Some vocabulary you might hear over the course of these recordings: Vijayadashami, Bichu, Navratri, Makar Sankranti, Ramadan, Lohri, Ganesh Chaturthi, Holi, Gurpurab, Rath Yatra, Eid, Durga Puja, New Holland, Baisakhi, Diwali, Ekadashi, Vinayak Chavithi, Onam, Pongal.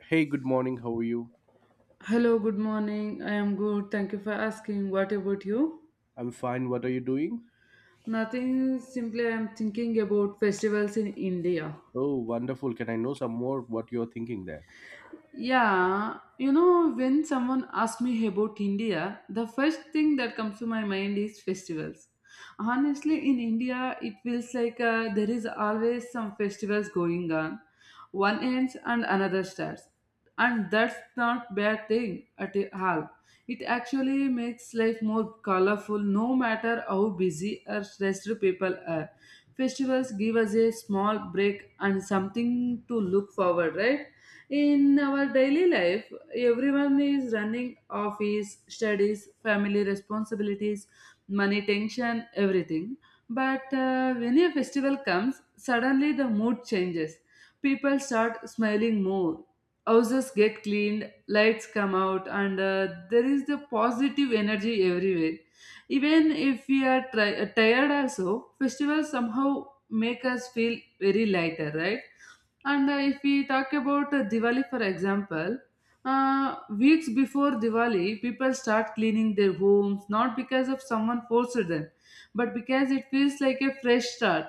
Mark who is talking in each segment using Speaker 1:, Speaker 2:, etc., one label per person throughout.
Speaker 1: Hey, good morning. How are you?
Speaker 2: Hello, good morning. I am good. Thank you for asking. What about you?
Speaker 1: I'm fine. What are you doing?
Speaker 2: Nothing, simply I'm thinking about festivals in India.
Speaker 1: Oh, wonderful. Can I know some more what you're thinking there?
Speaker 2: Yeah, when someone asks me about India, the first thing that comes to my mind is festivals. Honestly, in India, it feels like there is always some festivals going on. One ends and another starts, and that's not bad thing at all. It actually makes life more colorful, no matter how busy or stressed people are. Festivals give us a small break and something to look forward, right? In our daily life, everyone is running office, studies, family responsibilities, money tension, everything. But when a festival comes, suddenly the mood changes. People start smiling more. Houses get cleaned, lights come out, and there is the positive energy everywhere. Even if we are tired, also, festivals somehow make us feel very lighter, right? And if we talk about Diwali, for example, weeks before Diwali, people start cleaning their homes not because of someone forced them, but because it feels like a fresh start.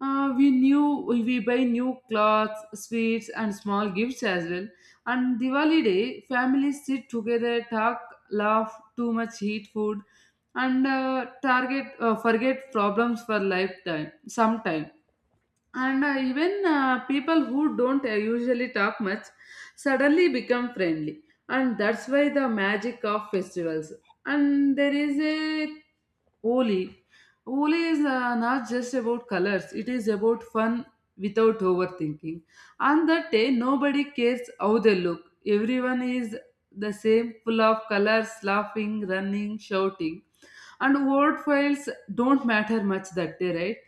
Speaker 2: We knew we buy new clothes, sweets, and small gifts as well. And Diwali day, families sit together, talk, laugh, too much heat food, and target forget problems for lifetime. Sometime. And even people who don't usually talk much suddenly become friendly, and that's why the magic of festivals. And there is a Holi. Holi is not just about colors, it is about fun without overthinking. On that day, nobody cares how they look. Everyone is the same, full of colors, laughing, running, shouting, and word files don't matter much that day, right?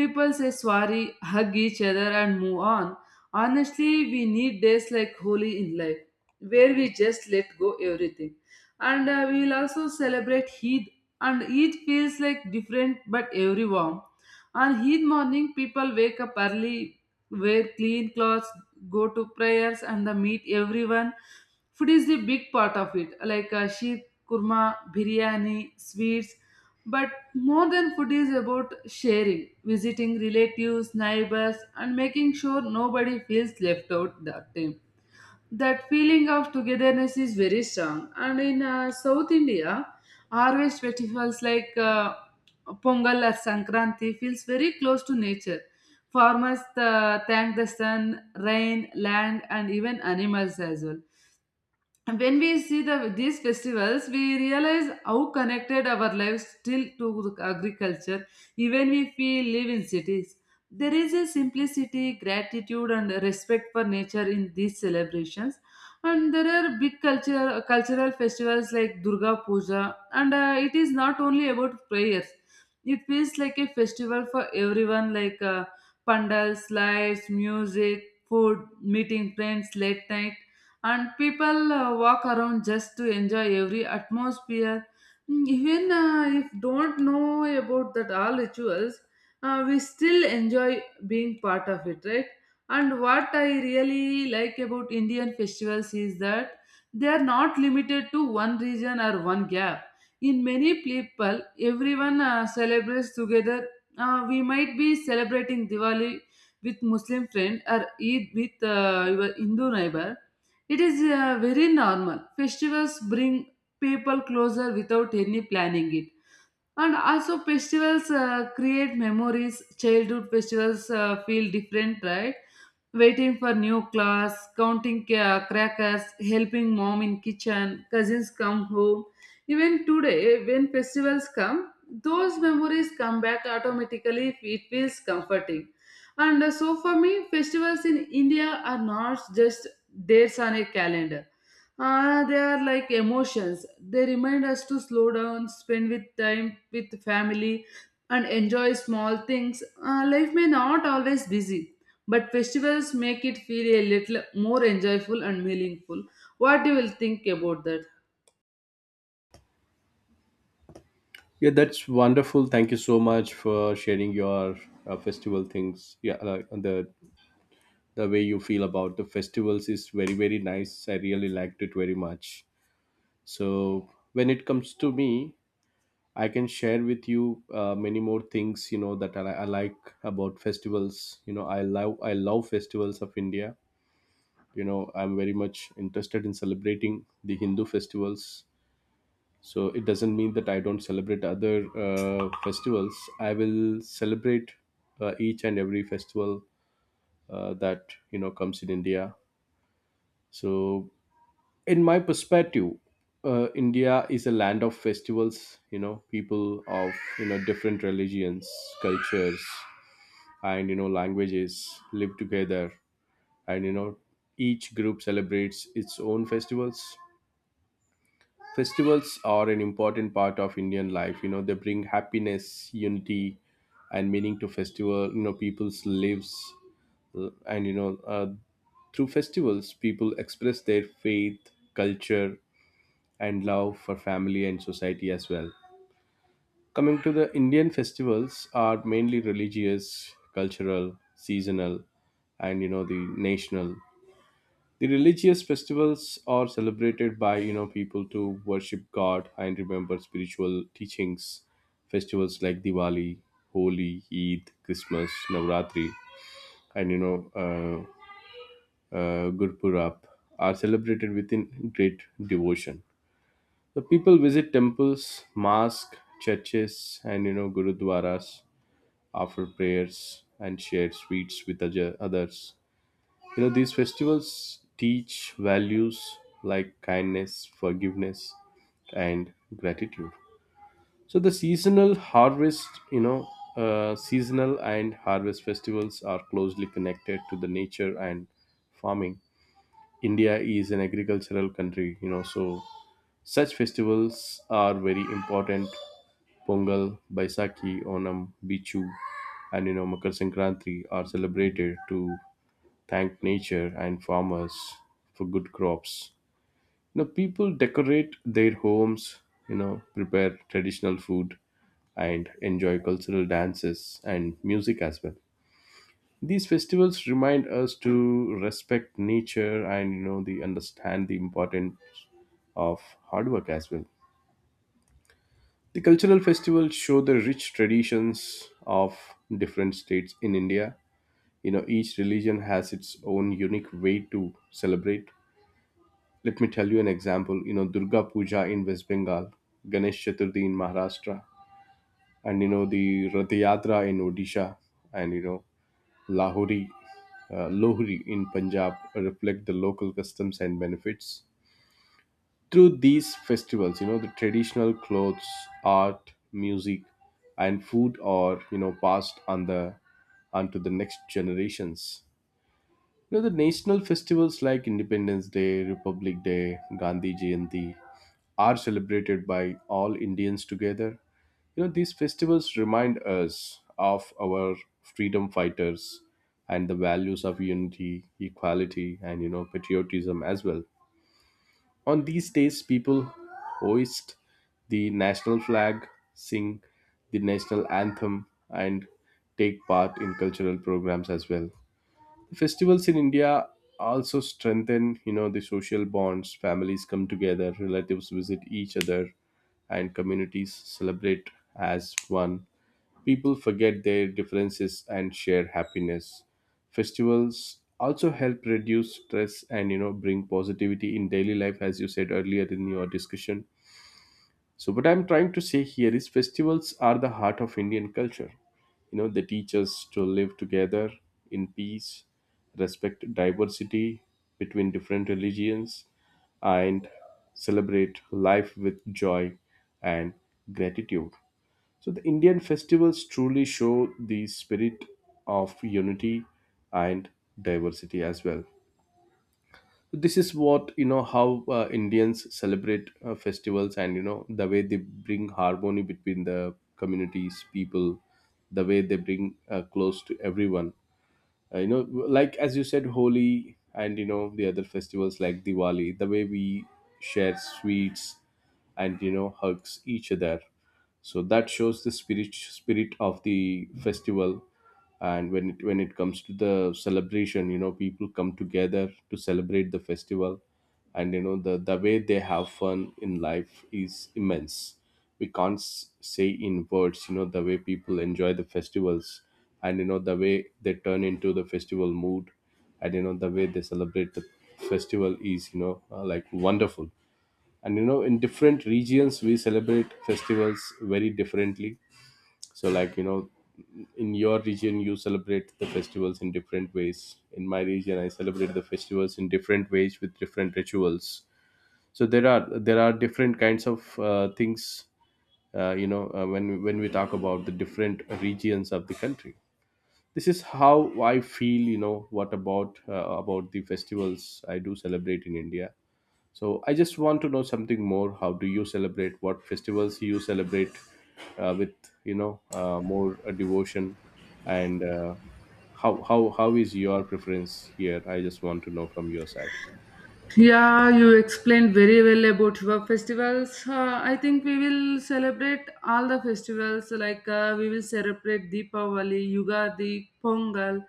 Speaker 2: People say sorry, hug each other, and move on. Honestly, we need days like Holi in life where we just let go everything. And we will also celebrate Eid. And Eid feels like different but every warm. On Eid morning, people wake up early, wear clean clothes, go to prayers, and they meet everyone. Food is the big part of it, like sheep, kurma, biryani, sweets. But more than food is about sharing, visiting relatives, neighbors, and making sure nobody feels left out that time. That feeling of togetherness is very strong. And in South India, harvest festivals like Pongal or Sankranti feels very close to nature. Farmers thank the sun, rain, land, and even animals as well. And when we see these festivals, we realize how connected our lives still to the agriculture, even if we live in cities. There is a simplicity, gratitude, and respect for nature in these celebrations. And there are big cultural festivals like Durga Puja, and it is not only about prayers. It feels like a festival for everyone, like pandals, lights, music, food, meeting friends late night, and people walk around just to enjoy every atmosphere. Even if don't know about that all rituals, we still enjoy being part of it, right? And what I really like about Indian festivals is that they are not limited to one region or one gap in many people. Everyone celebrates together. We might be celebrating Diwali with Muslim friend or Eid with your Hindu neighbor. It is very normal. Festivals bring people closer without any planning it. And also festivals create memories. Childhood festivals feel different, right? Waiting for new class, counting crackers, helping mom in kitchen, cousins come home. Even today, when festivals come, those memories come back automatically if it feels comforting. And so for me, festivals in India are not just dates on a calendar. They are like emotions. They remind us to slow down, spend with time with family, and enjoy small things. Life may not always busy, but festivals make it feel a little more enjoyable and meaningful. What do you will think about that?
Speaker 1: Yeah, that's wonderful. Thank you so much for sharing your festival things. Yeah, like the way you feel about the festivals is very very nice. I really liked it very much. So when it comes to me, I can share with you many more things that I like about festivals. I love festivals of India. I'm very much interested in celebrating the Hindu festivals, so it doesn't mean that I don't celebrate other festivals. I will celebrate each and every festival that comes in India. So in my perspective, India is a land of festivals. People of different religions, cultures, and languages live together, and each group celebrates its own festivals. Festivals are an important part of Indian life. They bring happiness, unity, and meaning to festival, people's lives. And through festivals people express their faith, culture, and love for family and society as well. Coming to the Indian festivals are mainly religious, cultural, seasonal, and the national. The religious festivals are celebrated by people to worship God and remember spiritual teachings. Festivals like Diwali, Holi, Eid, Christmas, Navratri, and Gurpurab are celebrated within great devotion. The people visit temples, mosques, churches, and gurudwaras after prayers and share sweets with others. These festivals teach values like kindness, forgiveness, and gratitude. So the seasonal harvest, seasonal and harvest festivals are closely connected to the nature and farming. India is an agricultural country, so such festivals are very important. Pongal, Baisakhi, Onam, Bichu, and Makar Sankranti are celebrated to thank nature and farmers for good crops. People decorate their homes, prepare traditional food, and enjoy cultural dances and music as well. These festivals remind us to respect nature and the understand the importance of hard work as well. The cultural festivals show the rich traditions of different states in India. Each religion has its own unique way to celebrate. Let me tell you an example. Durga Puja in West Bengal, Ganesh Chaturthi in Maharashtra, and the Rath Yatra in Odisha, and Lahori, Lohri in Punjab reflect the local customs and benefits. Through these festivals, the traditional clothes, art, music, and food are, passed on the onto the next generations. The national festivals like Independence Day, Republic Day, Gandhi Jayanti are celebrated by all Indians together. These festivals remind us of our freedom fighters and the values of unity, equality, and patriotism as well. On these days, people hoist the national flag, sing the national anthem, and take part in cultural programs as well. Festivals in India also strengthen the social bonds. Families come together, relatives visit each other, and communities celebrate as one. People forget their differences and share happiness. Festivals also help reduce stress and bring positivity in daily life, as you said earlier in your discussion. So, what I'm trying to say here is festivals are the heart of Indian culture. They teach us to live together in peace, respect diversity between different religions, and celebrate life with joy and gratitude. So, the Indian festivals truly show the spirit of unity and diversity as well. This is what how Indians celebrate festivals and the way they bring harmony between the communities people, the way they bring close to everyone. Like as you said, Holi, and the other festivals like Diwali, the way we share sweets and hugs each other, so that shows the spirit of the festival. And when it comes to the celebration, people come together to celebrate the festival. And the way they have fun in life is immense. We can't say in words the way people enjoy the festivals, and the way they turn into the festival mood, and the way they celebrate the festival is, like, wonderful. And in different regions we celebrate festivals very differently. So, like in your region you celebrate the festivals in different ways, in my region I celebrate the festivals in different ways with different rituals. So there are different kinds of things. When we talk about the different regions of the country, this is how I feel. What about, about the festivals I do celebrate in India? So I just want to know something more. How do you celebrate? What festivals you celebrate with more devotion, and how is your preference here? I just want to know from your side.
Speaker 2: Yeah, you explained very well about your festivals. I think we will celebrate all the festivals like we will celebrate Deepavali, Yugadi, Pongal,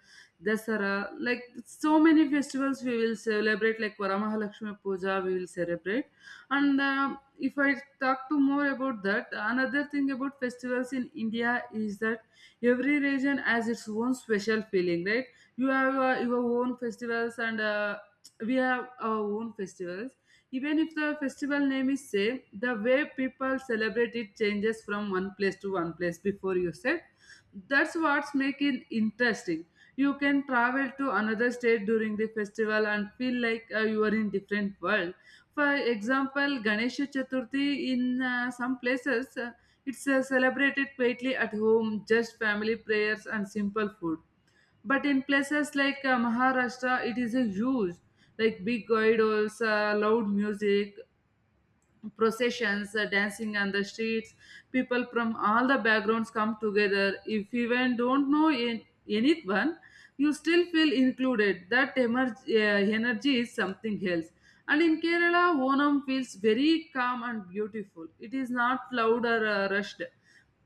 Speaker 2: Dasara. Like so many festivals we will celebrate like Varamahalakshmi Puja we will celebrate. And if I talk to more about that, another thing about festivals in India is that every region has its own special feeling, right? You have your own festivals, and we have our own festivals. Even if the festival name is same, the way people celebrate it changes from one place to one place before you said. That's what's making interesting. You can travel to another state during the festival and feel like you are in different world. For example, Ganesha Chaturthi in some places, it's celebrated quietly at home, just family prayers and simple food. But in places like Maharashtra, it is a huge, like big idols, loud music, processions, dancing on the streets. People from all the backgrounds come together. If you even don't know in, anyone, you still feel included. That energy is something else. And in Kerala, Onam feels very calm and beautiful. It is not loud or rushed.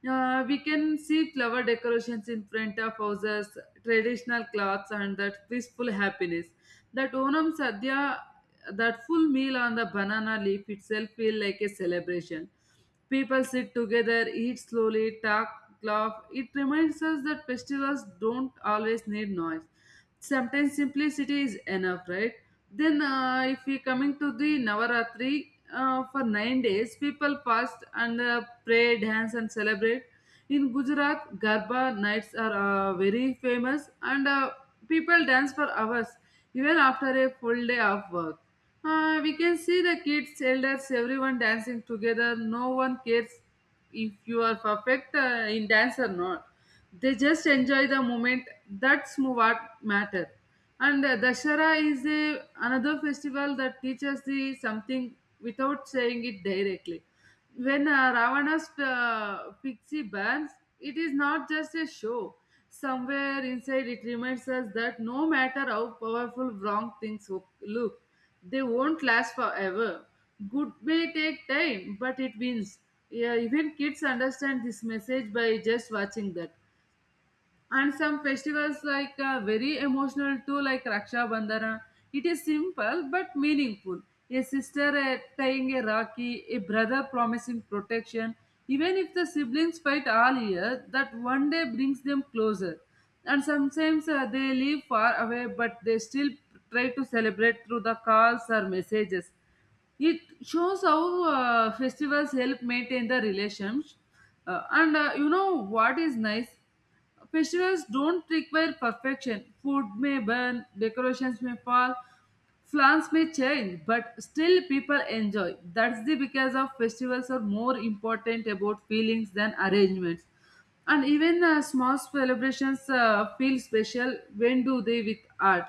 Speaker 2: We can see clever decorations in front of houses, traditional clothes, and that peaceful happiness. That Onam Sadhya, that full meal on the banana leaf itself feel like a celebration. People sit together, eat slowly, talk, laugh. It reminds us that festivals don't always need noise, sometimes simplicity is enough, right? Then if we coming to the Navaratri, for 9 days people fast and pray, dance, and celebrate. In Gujarat, garba nights are very famous, and people dance for hours even after a full day of work. We can see the kids, elders, everyone dancing together. No one cares if you are perfect in dance or not. They just enjoy the moment. That's what matter. And Dashara is a another festival that teaches the something without saying it directly. When Ravana's pixie burns, it is not just a show. Somewhere inside it reminds us that no matter how powerful wrong things look, they won't last forever. Good may take time, but it wins. Yeah, even kids understand this message by just watching that. And some festivals like very emotional too, like Raksha Bandhana. It is simple but meaningful. A sister tying a rakhi, a brother promising protection. Even if the siblings fight all year, that one day brings them closer. And sometimes they live far away, but they still try to celebrate through the calls or messages. It shows how festivals help maintain the relations. And you know what is nice? Festivals don't require perfection. Food may burn, decorations may fall, plans may change, but still people enjoy. That's the because of festivals are more important about feelings than arrangements. And even small celebrations feel special when do they with art.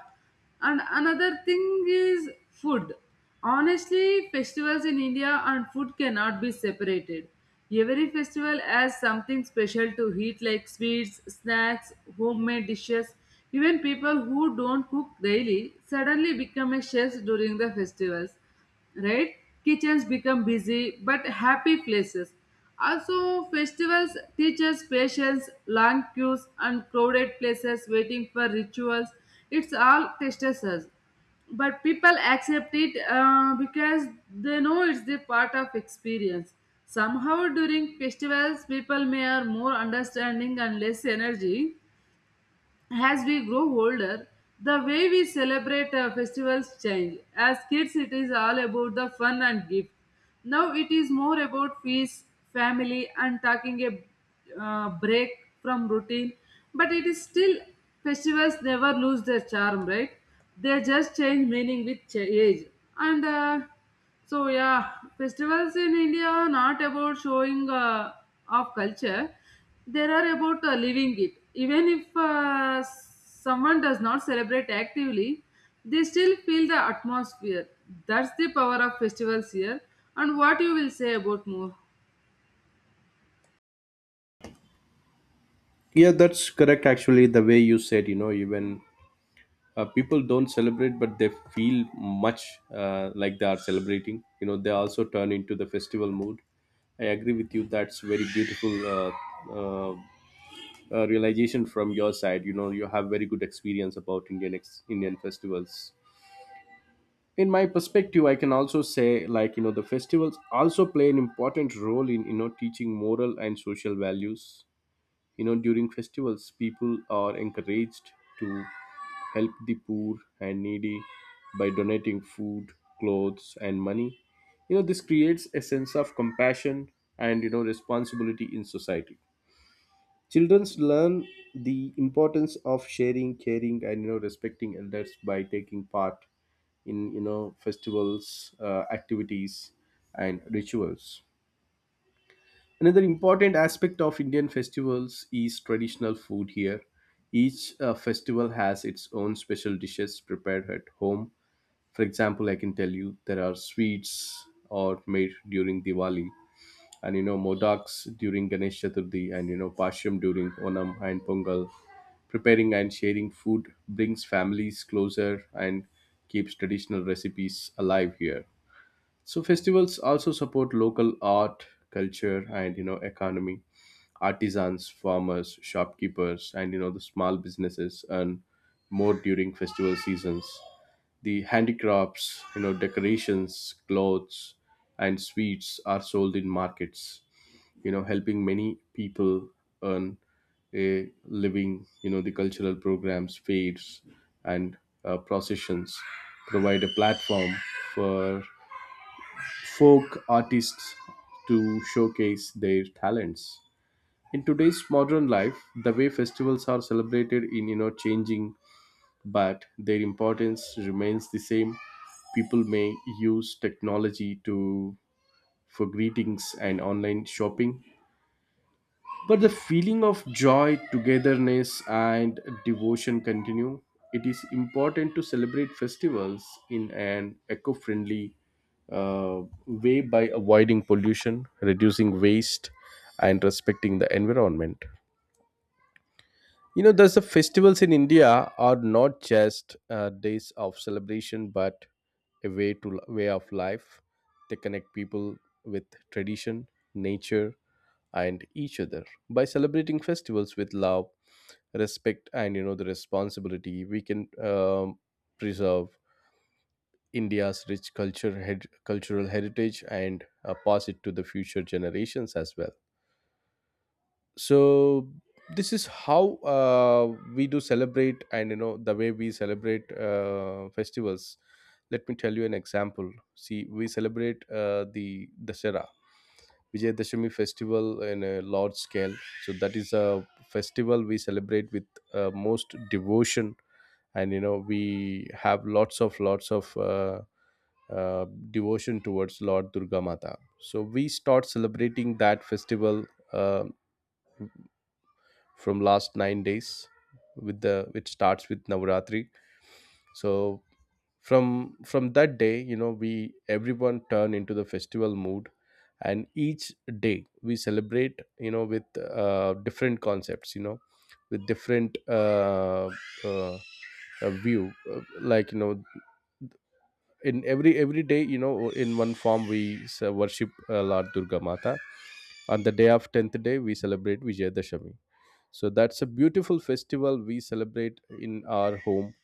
Speaker 2: And another thing is food. Honestly, festivals in India and food cannot be separated. Every festival has something special to eat, like sweets, snacks, homemade dishes. Even people who don't cook daily suddenly become a chef during the festivals, right? Kitchens become busy but happy places. Also, festivals teach us patience, long queues, and crowded places waiting for rituals. It's all tests us, but people accept it because they know it's the part of experience. Somehow during festivals people may are more understanding and less energy. As we grow older, the way we celebrate festivals change. As kids, it is all about the fun and gift. Now it is more about peace, family, and taking a break from routine. But it is still festivals never lose their charm, right? They just change meaning with age. And so, yeah, festivals in India are not about showing of culture. They are about living it. Even if someone does not celebrate actively, they still feel the atmosphere. That's the power of festivals here. And what you will say about more?
Speaker 1: Yeah, that's correct. Actually, the way you said, even people don't celebrate, but they feel much like they are celebrating. You know, they also turn into the festival mood. I agree with you. That's very beautiful, uh, realization from your side. You have very good experience about Indian festivals. In my perspective, I can also say like, the festivals also play an important role in teaching moral and social values. During festivals, people are encouraged to help the poor and needy by donating food, clothes, and money. This creates a sense of compassion and responsibility in society. Children learn the importance of sharing, caring, and respecting elders by taking part in festivals, activities, and rituals. Another important aspect of Indian festivals is traditional food here. Each festival has its own special dishes prepared at home. For example, I can tell you there are sweets or made during Diwali, and modaks during Ganesh Chaturthi, and Pashyam during Onam and Pongal. Preparing and sharing food brings families closer and keeps traditional recipes alive here. So festivals also support local art, culture, and economy. Artisans, farmers, shopkeepers, and the small businesses earn more during festival seasons. The handicrafts, decorations, clothes, and sweets are sold in markets, helping many people earn a living. The cultural programs, fairs, and processions provide a platform for folk artists to showcase their talents. In today's modern life, the way festivals are celebrated in changing, but their importance remains the same. People may use technology to for greetings and online shopping, but the feeling of joy, togetherness, and devotion continue. It is important to celebrate festivals in an eco-friendly way by avoiding pollution, reducing waste, and respecting the environment. There's the festivals in India are not just days of celebration, but a way to way of life. They connect people with tradition, nature, and each other. By celebrating festivals with love, respect, and the responsibility, we can preserve India's rich culture, cultural heritage, and pass it to the future generations as well. So this is how we do celebrate and the way we celebrate festivals. Let me tell you an example. See, we celebrate the Dasara Vijayadashami festival in a large scale. So that is a festival we celebrate with most devotion, and we have lots of uh, devotion towards Lord Durga Mata. So we start celebrating that festival Uh, from last 9 days, with the which starts with Navaratri. So from that day, we everyone turn into the festival mood, and each day we celebrate with different concepts, with different uh, view. Like in every day, in one form we worship Lord Durga Mata. On the day of 10th day we celebrate Vijayadashami. So that's a beautiful festival we celebrate in our home,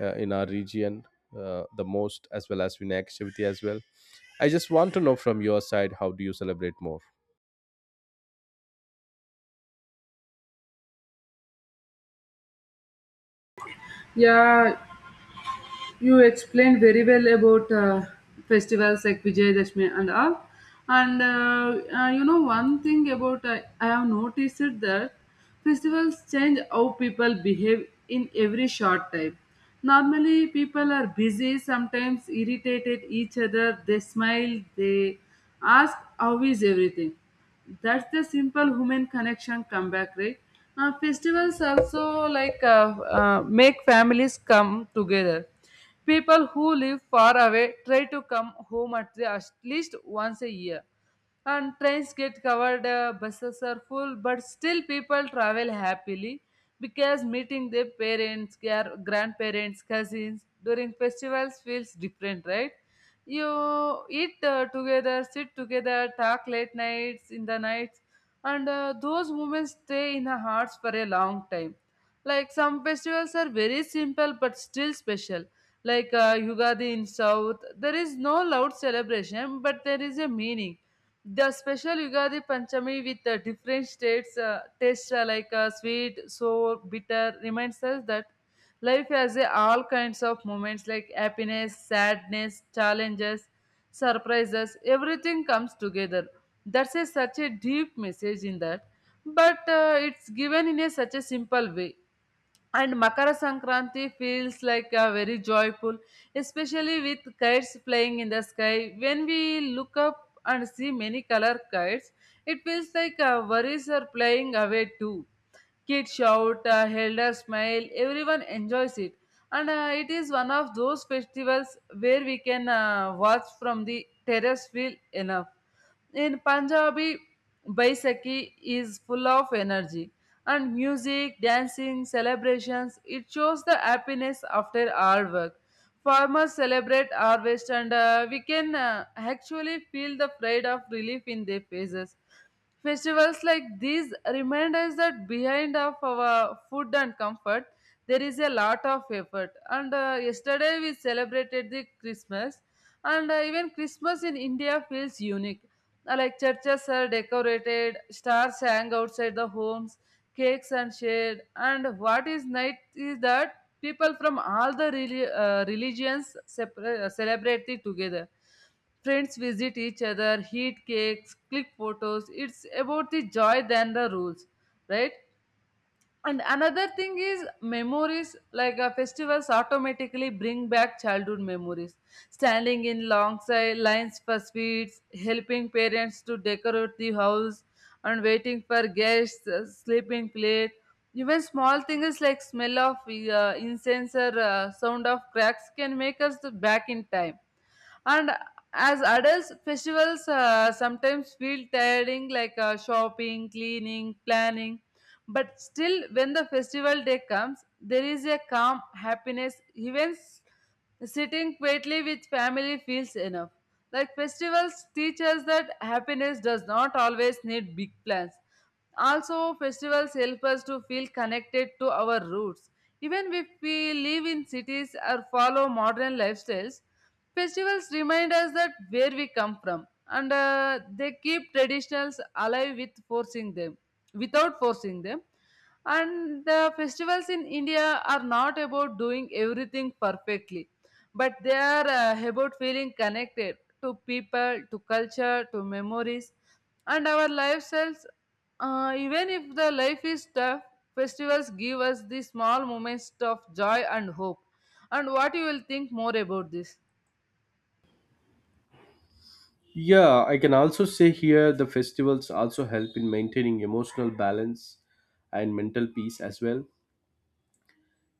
Speaker 1: in our region, the most, as well as Vinayak Chavithi as well. I just want to know from your side, how do you celebrate more?
Speaker 2: Yeah, you explained very well about festivals like Vijay Dashmi and all. And one thing about I have noticed it that festivals change how people behave in every short time. Normally, people are busy, sometimes irritated each other. They smile, they ask, "How is everything?" That's the simple human connection come back, right? Festivals also like make families come together. People who live far away try to come home at least once a year. And trains get covered, buses are full, but still people travel happily because meeting their parents, grandparents, cousins during festivals feels different, right? You eat together, sit together, talk late nights, in the nights, and those moments stay in our hearts for a long time. Like some festivals are very simple but still special. Like Yugadi in South, there is no loud celebration, but there is a meaning. The special Yugadi Panchami with different states, tastes like sweet, sour, bitter, reminds us that life has a all kinds of moments like happiness, sadness, challenges, surprises, everything comes together. That's such a deep message in that, but it's given in such a simple way. And Makara Sankranti feels like a very joyful, especially with kites flying in the sky. When we look up and see many color kites, it feels like our worries are flying away too. Kids shout, elders smile, everyone enjoys it. And it is one of those festivals where we can watch from the terrace feel enough. In Punjabi, Baisakhi is full of energy and music, dancing, celebrations. It shows the happiness after hard work. Farmers celebrate harvest, and we can actually feel the pride of relief in their faces. Festivals like these remind us that behind of our food and comfort, there is a lot of effort. And yesterday we celebrated the Christmas, and even Christmas in India feels unique. Like churches are decorated, stars hang outside the homes, cakes and shared. And what is nice is that people from all the religions celebrate it together. Friends visit each other, eat cakes, click photos. It's about the joy than the rules, right? And another thing is memories, like festivals automatically bring back childhood memories. Standing in long lines for sweets, helping parents to decorate the house, and waiting for guests, sleeping late. Even small things like smell of incense or sound of cracks can make us to back in time. And as adults, festivals sometimes feel tiring, like shopping, cleaning, planning. But still when the festival day comes, there is a calm happiness. Even sitting quietly with family feels enough. Like festivals teach us that happiness does not always need big plans. Also, festivals help us to feel connected to our roots. Even if we live in cities or follow modern lifestyles, festivals remind us that where we come from, and they keep traditions alive without forcing them. And the festivals in India are not about doing everything perfectly, but they are about feeling connected to people, to culture, to memories, and our lifestyles. Even if the life is tough, festivals give us the small moments of joy and hope. And what you will think more about this?
Speaker 1: Yeah, I can also say here the festivals also help in maintaining emotional balance and mental peace as well.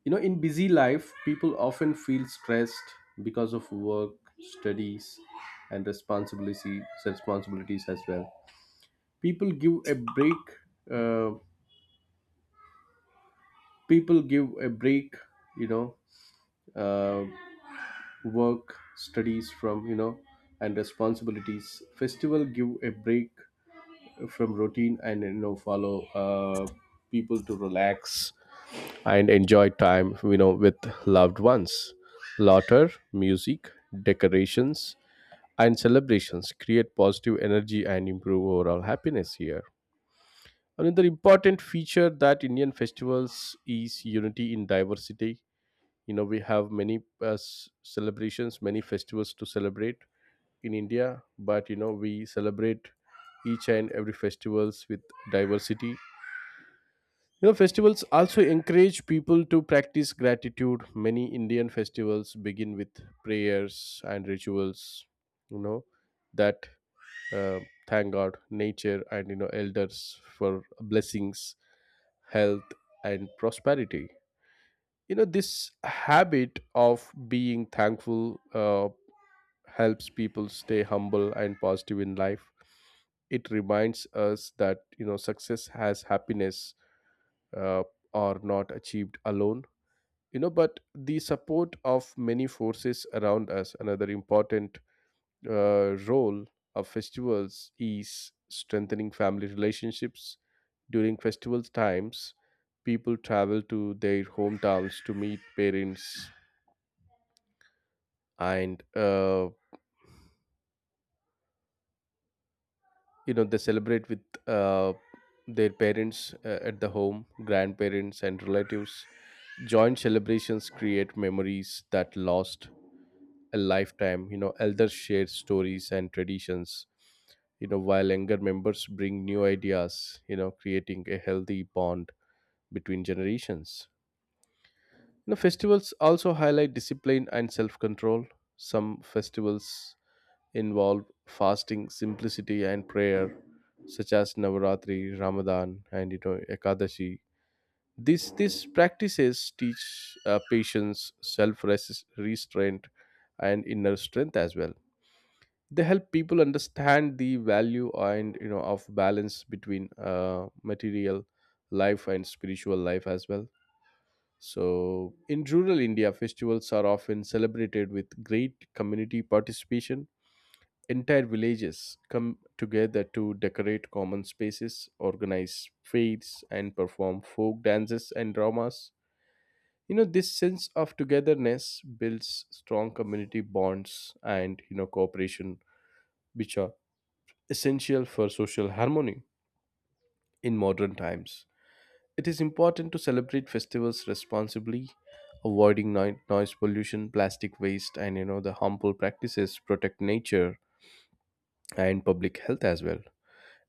Speaker 1: You know, in busy life, people often feel stressed because of work, studies, and responsibilities as well. People give a break uh, people give a break you know uh, work studies from and responsibilities festival give a break from routine and follow uh, people to relax and enjoy time with loved ones, laughter, music, decorations, and celebrations create positive energy and improve overall happiness here. Another important feature that Indian festivals is unity in diversity. You know, we have many celebrations, many festivals to celebrate in India, but you know we celebrate each and every festivals with diversity. You know festivals also encourage people to practice gratitude. Many Indian festivals begin with prayers and rituals, you know that uh, thank god, nature, and elders for blessings, health, and prosperity. You know this habit of being thankful helps people stay humble and positive in life. It reminds us that you know success has happiness uh, are not achieved alone, you know, but the support of many forces around us. Another important role of festivals is strengthening family relationships. During festival times, people travel to their hometowns to meet parents and you know they celebrate with uh, their parents at the home, grandparents, and relatives. Joint celebrations create memories that last a lifetime. You know elders share stories and traditions, you know, while younger members bring new ideas, you know, creating a healthy bond between generations. You know festivals also highlight discipline and self-control. Some festivals involve fasting, simplicity, and prayer, such as Navaratri, Ramadan, and you know Ekadashi. These practices teach patience, self restraint, and inner strength as well. They help people understand the value and you know of balance between material life and spiritual life as well. So, in rural India, festivals are often celebrated with great community participation. Entire villages come together to decorate common spaces, organize feasts, and perform folk dances and dramas. You know, this sense of togetherness builds strong community bonds and, you know, cooperation, which are essential for social harmony in modern times. It is important to celebrate festivals responsibly, avoiding noise pollution, plastic waste, and, you know, the harmful practices, protect nature and public health as well.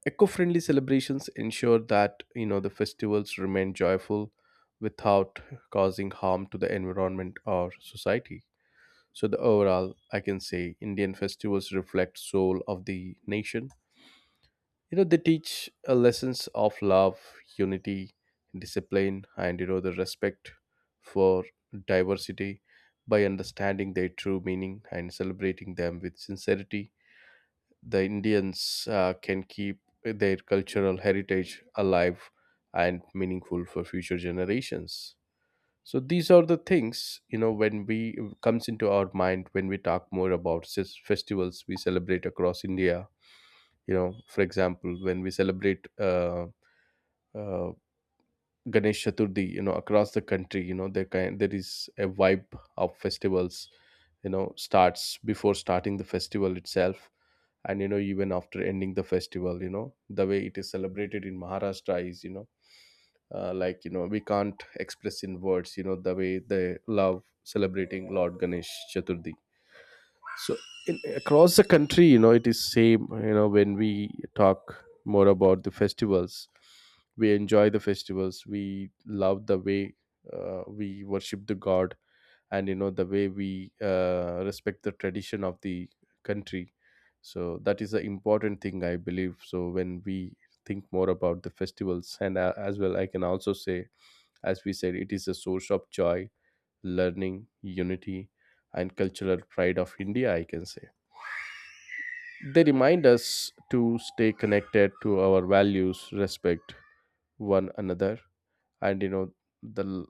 Speaker 1: Eco-friendly celebrations ensure that you know the festivals remain joyful without causing harm to the environment or society. So the overall, I can say, Indian festivals reflect soul of the nation. You know they teach lessons of love, unity, discipline, and you know the respect for diversity. By understanding their true meaning and celebrating them with sincerity, the Indians can keep their cultural heritage alive and meaningful for future generations. So these are the things you know when we comes into our mind when we talk more about festivals we celebrate across India. You know, for example, when we celebrate uh, Ganesh Chaturthi, you know, across the country, you know, there is a vibe of festivals, you know, starts before starting the festival itself. And you know even after ending the festival, you know the way it is celebrated in Maharashtra is, you know, like you know we can't express in words, you know the way they love celebrating lord Ganesh Chaturthi. So in, across the country, you know it is same. You know when we talk more about the festivals, we enjoy the festivals, we love the way we worship the god and you know the way we respect the tradition of the country. So that is the important thing I believe. So when we think more about the festivals and as well, I can also say, as we said, it is a source of joy, learning, unity, and cultural pride of India, I can say. They remind us to stay connected to our values, respect one another, and you know the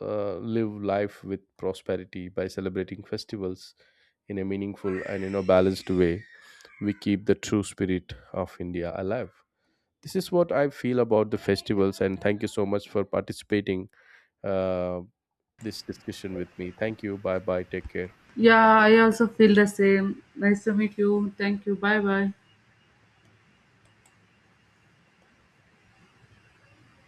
Speaker 1: live life with prosperity. By celebrating festivals in a meaningful and you know balanced way, we keep the true spirit of India alive. This is what I feel about the festivals, and thank you so much for participating uh, this discussion with me. Thank you, bye bye, take care.
Speaker 2: Yeah, I also feel the same. Nice to meet you. Thank you. Bye bye.